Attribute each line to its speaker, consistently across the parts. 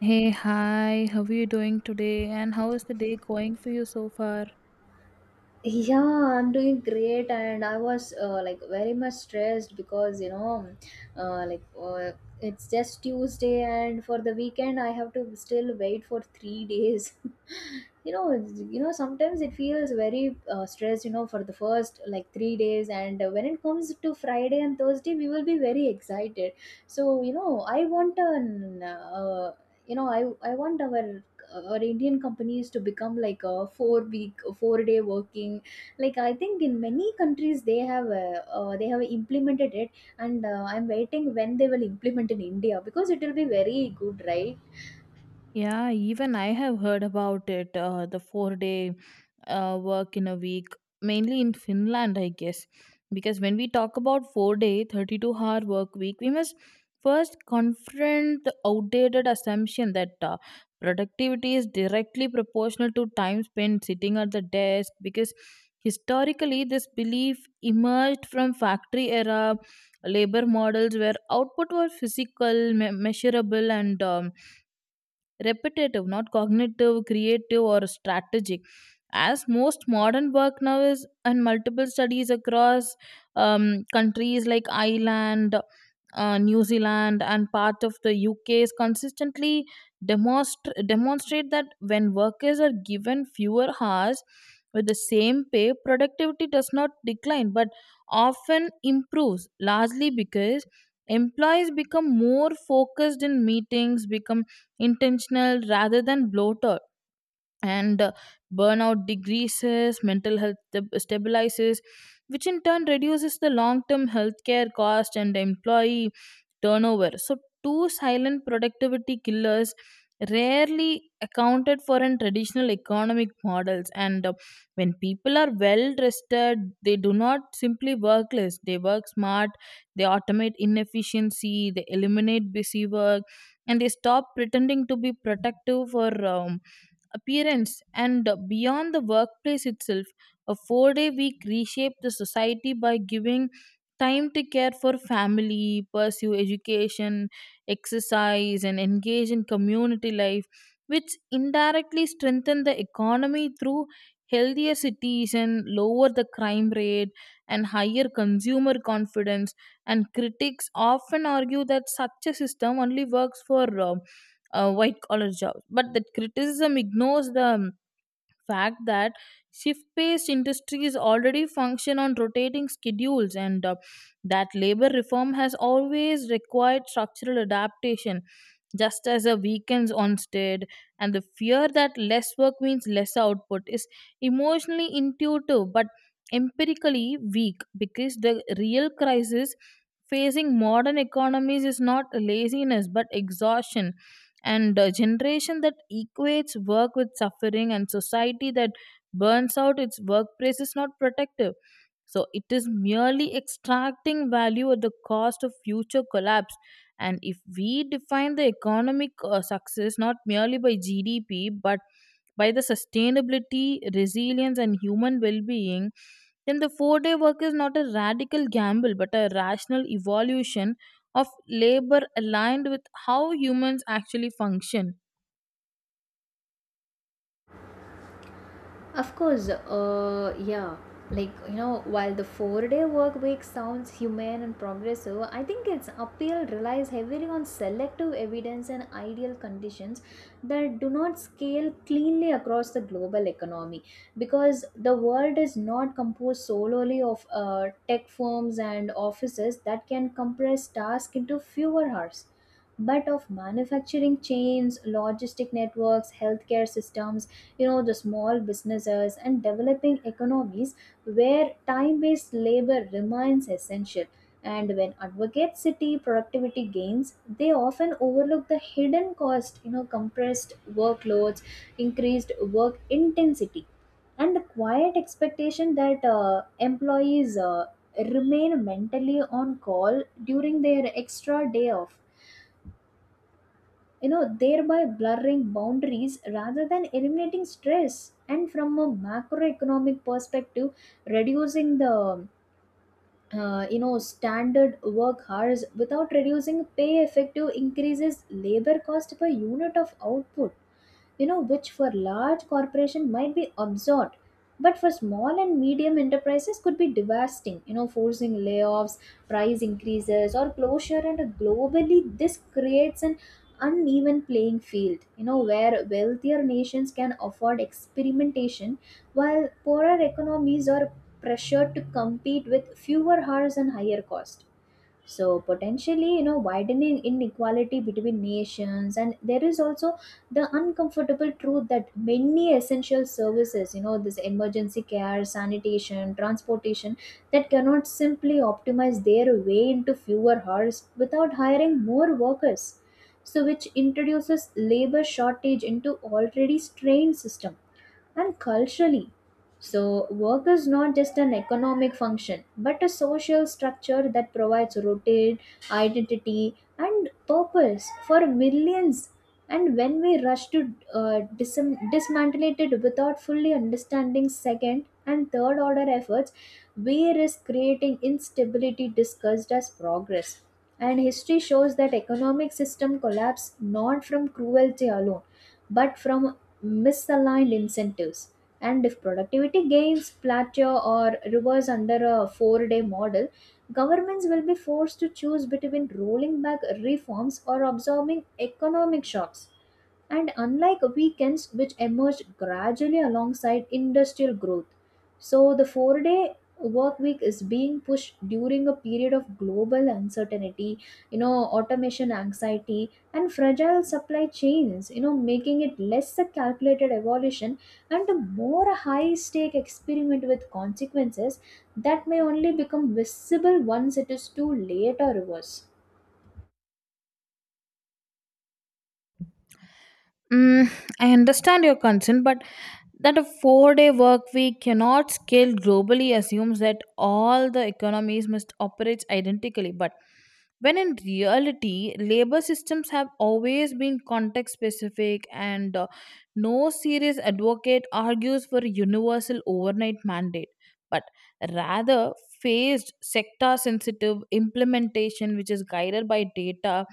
Speaker 1: Hey, hi, how are you doing today? And how is the day going for you so far?
Speaker 2: Yeah, I'm doing great, and I was like very much stressed because uh, like uh, it's just Tuesday, and for the weekend I have to still wait for 3 days. Sometimes it feels very stressed. You know, for the first like 3 days, and when it comes to Friday and Thursday, we will be very excited. So I want an you know, I I want our or indian companies to become like a 4 week 4 day working. Like I think in many countries they have implemented it, and I'm waiting when they will implement in india because it will be very good, right?
Speaker 1: Yeah, even I have heard about it, the 4-day work in a week, mainly in Finland, I guess. Because when we talk about 4-day, 32-hour work week, we must first confront the outdated assumption that productivity is directly proportional to time spent sitting at the desk. Because historically, this belief emerged from factory era labor models where output was physical, measurable, and repetitive, not cognitive, creative, or strategic. As most modern work now is, and multiple studies across countries like Ireland, New Zealand, and part of the UK's consistently demonstrate that when workers are given fewer hours with the same pay, productivity does not decline but often improves, largely because employees become more focused in meetings, become intentional rather than bloated, and burnout decreases, mental health stabilizes, which in turn reduces the long term healthcare cost and employee turnover. So, two silent productivity killers rarely accounted for in traditional economic models. And when people are well rested, they do not simply work less, they work smart, they automate inefficiency, they eliminate busy work, and they stop pretending to be productive for appearance. And beyond the workplace itself, a 4-day week reshaped the society by giving time to care for family, pursue education, exercise, and engage in community life, which indirectly strengthen the economy through healthier cities and lower the crime rate and higher consumer confidence. And critics often argue that such a system only works for white collar jobs. But that criticism ignores the fact that shift based industries already function on rotating schedules, and that labor reform has always required structural adaptation, just as the weekends once did. And the fear that less work means less output is emotionally intuitive but empirically weak, because the real crisis facing modern economies is not laziness but exhaustion, and a generation that equates work with suffering and society that burns out its workplace is not protective, so it is merely extracting value at the cost of future collapse. And if we define the economic success not merely by gdp but by the sustainability, resilience, and human well-being, then the four-day work is not a radical gamble but a rational evolution of labor aligned with how humans actually function.
Speaker 2: Of course, yeah. Like, you know, while the 4 day work week sounds humane and progressive, I think its appeal relies heavily on selective evidence and ideal conditions that do not scale cleanly across the global economy. Because the world is not composed solely of tech firms and offices that can compress tasks into fewer hours. But of manufacturing chains, logistic networks, healthcare systems, you know, the small businesses and developing economies where time-based labor remains essential. And when advocates city productivity gains, they often overlook the hidden cost, you know, compressed workloads, increased work intensity, and the quiet expectation that employees remain mentally on call during their extra day off, you know, thereby blurring boundaries rather than eliminating stress. And from a macroeconomic perspective, reducing the standard work hours without reducing pay effective increases labor cost per unit of output, you know, which for large corporation might be absorbed, but for small and medium enterprises could be devastating, you know, forcing layoffs, price increases, or closure. And globally this creates an uneven playing field, you know, where wealthier nations can afford experimentation while poorer economies are pressured to compete with fewer hours and higher cost, so potentially, you know, widening inequality between nations. And there is also the uncomfortable truth that many essential services, you know, this emergency care, sanitation, transportation, that cannot simply optimize their way into fewer hours without hiring more workers, so which introduces labor shortage into already strained system. And culturally. So, work is not just an economic function but a social structure that provides routine, identity, and purpose for millions. And when we rush to dismantle it without fully understanding second and third order efforts, we risk creating instability discussed as progress. And history shows that economic system collapse not from cruelty alone, but from misaligned incentives. And if productivity gains plateau or reverse under a 4 day model, governments will be forced to choose between rolling back reforms or absorbing economic shocks. And unlike weekends, which emerged gradually alongside industrial growth, so the 4 day work week is being pushed during a period of global uncertainty, you know, automation anxiety, and fragile supply chains, you know, making it less a calculated evolution and a more a high stake experiment with consequences that may only become visible once it is too late or reverse.
Speaker 1: Mm, I understand your concern, but that a 4-day work week cannot scale globally assumes that all the economies must operate identically. But when in reality, labor systems have always been context specific, and no serious advocate argues for a universal overnight mandate, but rather phased sector sensitive implementation which is guided by data.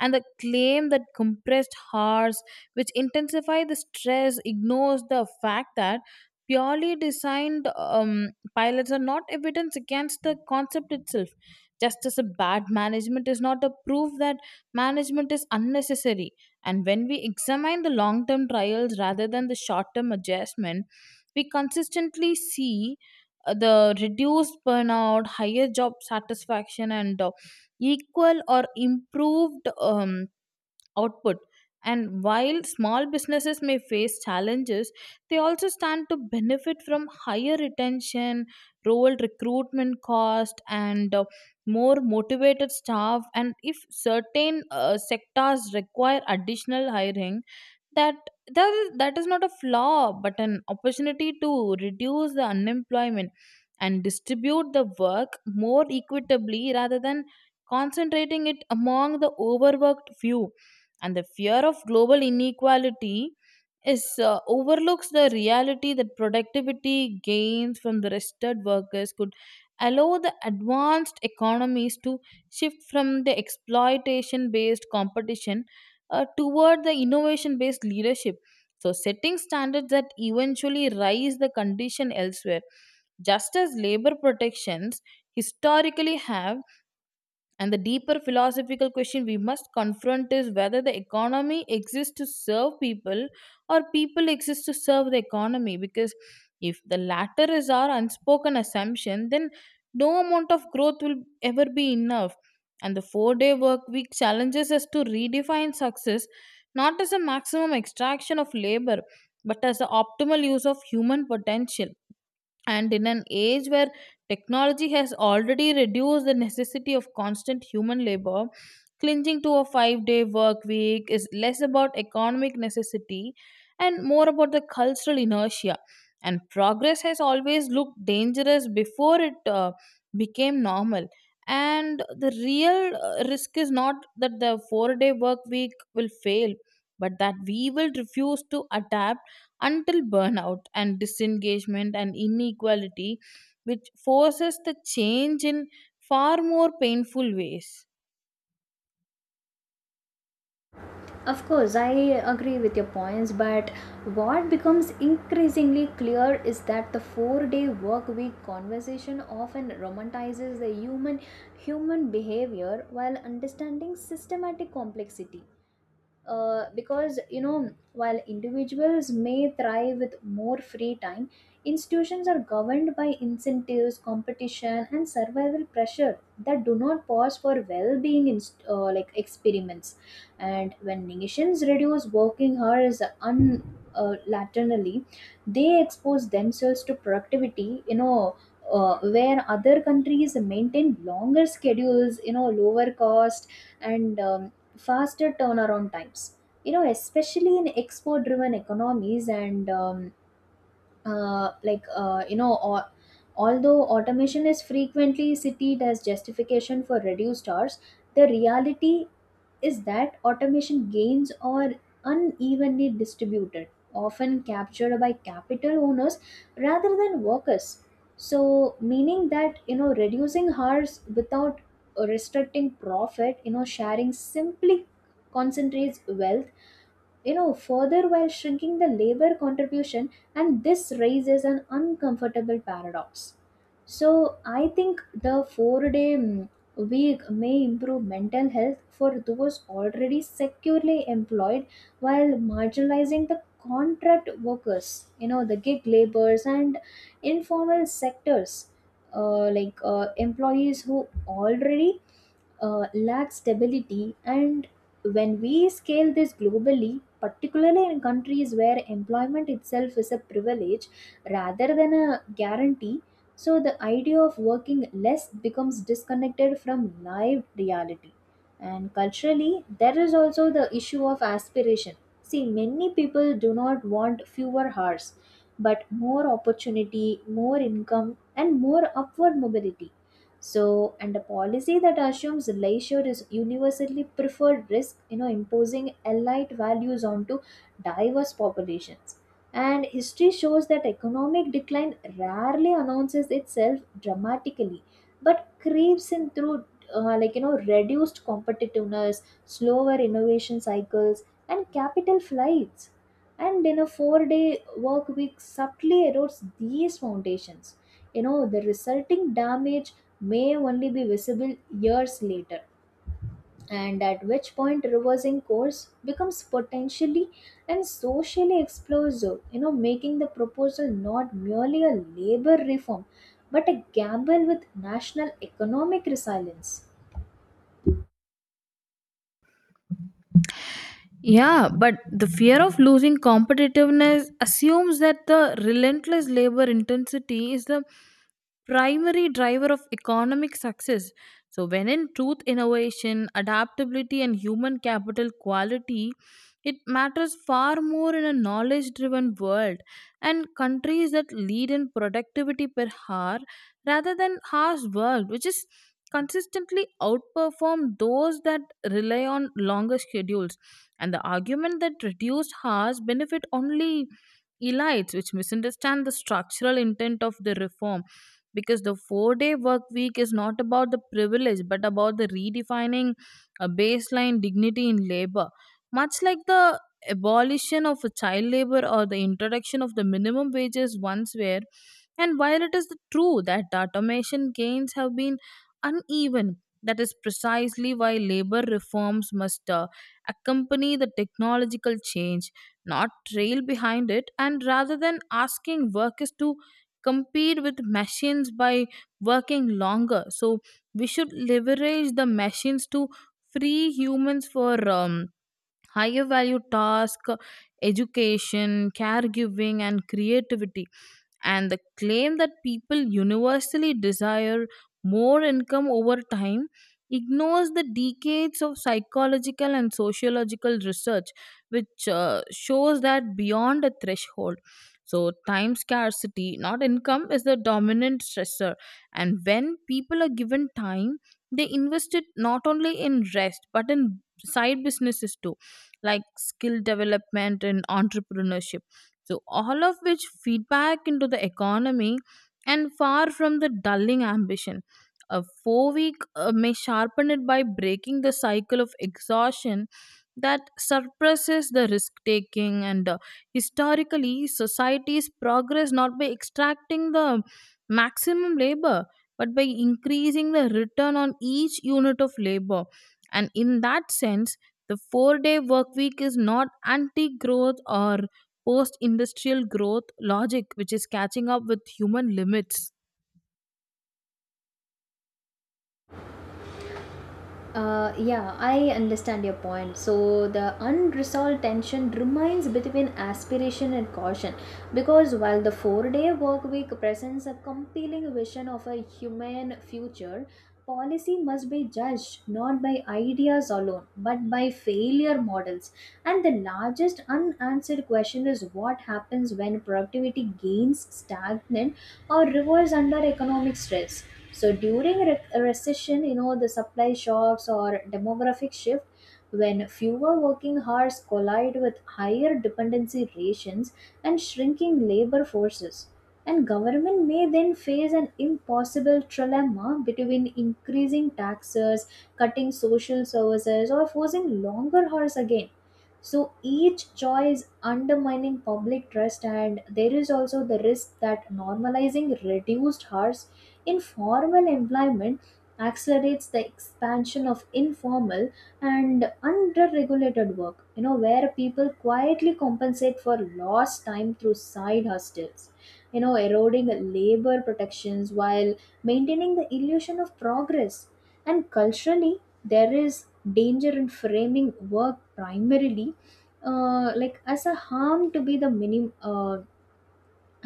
Speaker 1: And the claim that compressed hours which intensify the stress ignores the fact that purely designed pilots are not evidence against the concept itself, just as a bad management is not a proof that management is unnecessary. And when we examine the long term trials rather than the short term adjustment, we consistently see the reduced burnout, higher job satisfaction, and equal or improved output. And while small businesses may face challenges, they also stand to benefit from higher retention, rural recruitment cost, and more motivated staff. And if certain sectors require additional hiring, that that is not a flaw but an opportunity to reduce the unemployment and distribute the work more equitably rather than concentrating it among the overworked few. And the fear of global inequality is overlooks the reality that productivity gains from the rested workers could allow the advanced economies to shift from the exploitation based competition toward the innovation based leadership, so setting standards that eventually rise the condition elsewhere, just as labor protections historically have. And the deeper philosophical question we must confront is whether the economy exists to serve people or people exist to serve the economy. Because if the latter is our unspoken assumption, then no amount of growth will ever be enough. And the 4-day work week challenges us to redefine success not as a maximum extraction of labor but as the optimal use of human potential. And in an age where technology has already reduced the necessity of constant human labor, clinging to a 5-day work week is less about economic necessity and more about the cultural inertia. And progress has always looked dangerous before it became normal. And the real risk is not that the 4-day work week will fail, but that we will refuse to adapt until burnout and disengagement and inequality, which forces the change in far more painful ways.
Speaker 2: Of course, I agree with your points, but what becomes increasingly clear is that the four-day work week conversation often romanticizes the human behavior while understanding systematic complexity. Because, you know, while individuals may thrive with more free time, institutions are governed by incentives, competition, and survival pressure that do not pause for well-being experiments. And when nations reduce working hours un laterally, they expose themselves to productivity, you know, where other countries maintain longer schedules, you know, lower cost and faster turnaround times, you know, especially in export driven economies. And uh, like uh, you know or, although automation is frequently cited as justification for reduced hours, the reality is that automation gains are unevenly distributed, often captured by capital owners rather than workers, so meaning that, you know, reducing hours without restricting profit, you know, sharing simply concentrates wealth, you know, further while shrinking the labor contribution. And this raises an uncomfortable paradox. So I think the 4-day week may improve mental health for those already securely employed, while marginalizing the contract workers, you know, the gig laborers and informal sectors, employees who already lack stability. And when we scale this globally, particularly in countries where employment itself is a privilege rather than a guarantee, so the idea of working less becomes disconnected from live reality. And culturally, there is also the issue of aspiration. See, many people do not want fewer hours, but more opportunity, more income, and more upward mobility, so and a policy that assumes leisure is universally preferred risk, you know, imposing elite values onto diverse populations. And history shows that economic decline rarely announces itself dramatically but creeps in through reduced competitiveness, slower innovation cycles, and capital flights. And in a 4 day work week subtly erodes these foundations, you know, the resulting damage may only be visible years later, and at which point reversing course becomes potentially and socially explosive, you know, making the proposal not merely a labor reform but a gamble with national economic resilience.
Speaker 1: Yeah, but the fear of losing competitiveness assumes that the relentless labor intensity is the primary driver of economic success. So, when in truth, innovation, adaptability, and human capital quality, it matters far more in a knowledge driven world. And countries that lead in productivity per hour rather than hours worked, which is consistently outperform those that rely on longer schedules. And the argument that reduced hours benefit only elites which misunderstand the structural intent of the reform, because the 4-day work week is not about the privilege but about the redefining a baseline dignity in labor, much like the abolition of a child labor or the introduction of the minimum wages once were. And while it is true that the automation gains have been uneven, that is precisely why labor reforms must accompany the technological change, not trail behind it. And rather than asking workers to compete with machines by working longer, so we should leverage the machines to free humans for higher value tasks, education, caregiving, and creativity. And the claim that people universally desire more income over time ignores the decades of psychological and sociological research which shows that beyond a threshold, so time scarcity not income is the dominant stressor. And when people are given time, they invest it not only in rest but in side businesses too, like skill development and entrepreneurship, so, all of which feedback into the economy. And far from the dulling ambition, a 4-week may sharpen it by breaking the cycle of exhaustion that suppresses the risk taking. And historically societies progress not by extracting the maximum labor but by increasing the return on each unit of labor. And in that sense, the 4-day work week is not anti growth or post industrial growth logic which is catching up with human limits.
Speaker 2: Yeah, I understand your point. So, the unresolved tension remains between aspiration and caution because while the 4 day work week presents a compelling vision of a humane future, policy must be judged not by ideas alone but by failure models. And the largest unanswered question is what happens when productivity gains stagnant or reverse under economic stress. So during a recession, you know, the supply shocks or demographic shift, when fewer working hours collide with higher dependency rations and shrinking labor forces. And government may then face an impossible trilemma between increasing taxes, cutting social services, or forcing longer hours again. So each choice undermining public trust, and there is also the risk that normalizing reduced hours Informal employment accelerates the expansion of informal and underregulated work, you know, where people quietly compensate for lost time through side hustles, you know, eroding labor protections while maintaining the illusion of progress. And culturally, there is danger in framing work primarily as a harm to be the minim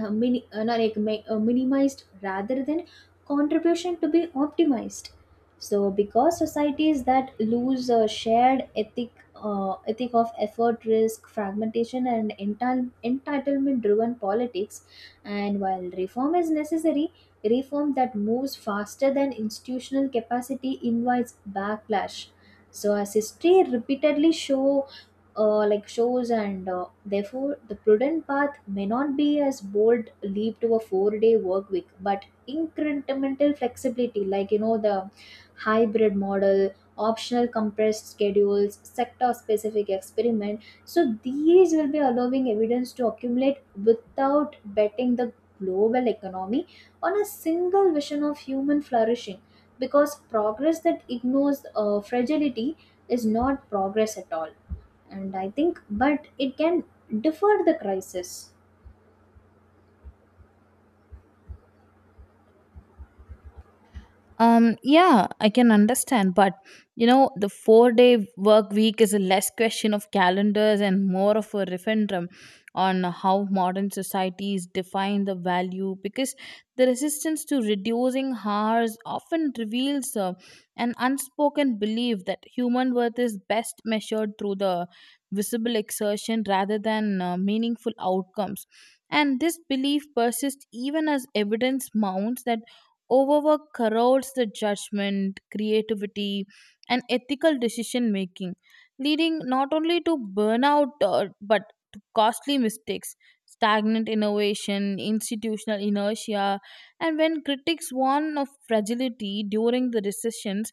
Speaker 2: mini- na- like, mi- minimized rather than contribution to be optimized, so because societies that lose a shared ethic, ethic of effort, risk fragmentation and entitlement driven politics. And while reform is necessary, reform that moves faster than institutional capacity invites backlash, so as history repeatedly shows. And therefore the prudent path may not be as bold leap to a 4 day work week but incremental flexibility, like, you know, the hybrid model, optional compressed schedules, sector specific experiment, so these will be allowing evidence to accumulate without betting the global economy on a single vision of human flourishing. Because progress that ignores fragility is not progress at all. And I think but it can defer the crisis.
Speaker 1: Yeah, I can understand, but the 4-day work week is a less question of calendars and more of a referendum on how modern societies define the value, because the resistance to reducing hours often reveals an unspoken belief that human worth is best measured through the visible exertion rather than meaningful outcomes. And this belief persists even as evidence mounts that overwork corrodes the judgment, creativity, and ethical decision making, leading not only to burnout but to costly mistakes, stagnant innovation, institutional inertia. And when critics warn of fragility during the recessions,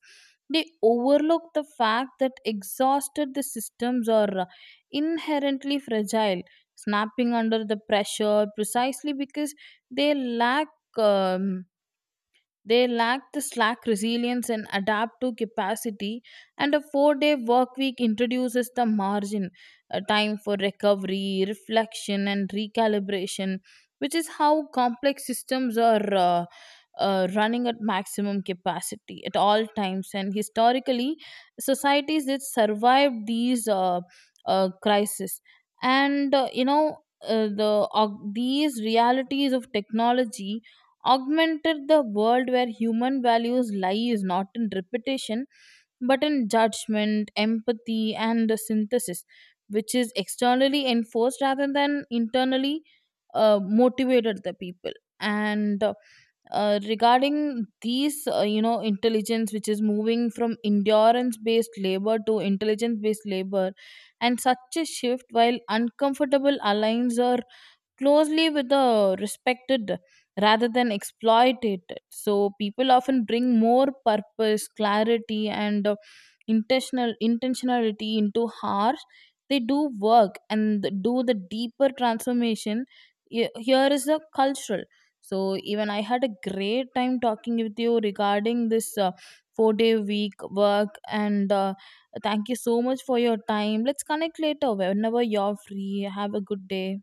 Speaker 1: they overlook the fact that exhausted the systems are inherently fragile, snapping under the pressure precisely because they lack. um they lack the slack resilience and adaptive capacity. And a 4-day work week introduces the margin, a time for recovery, reflection, and recalibration, which is how complex systems are running at maximum capacity at all times. And historically societies that survived these crises and uh, the uh, these realities of technology augmented the world where human values lies not in repetition but in judgment empathy and synthesis, which is externally enforced rather than internally motivated the people. And regarding these intelligence which is moving from endurance based labor to intelligence based labor. And such a shift while uncomfortable aligns a closely with the respected rather than exploited. So people often bring more purpose, clarity, and intentionality into harsh. They do work and do the deeper transformation. Here is the cultural. So even I had a great time talking with you regarding this four-day week work, and thank you so much for your time. Let's connect later whenever you're free. Have a good day.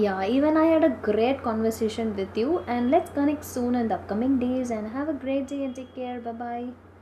Speaker 2: Yeah, even I had a great conversation with you, and let's connect soon in the upcoming days and have a great day and take care. Bye bye.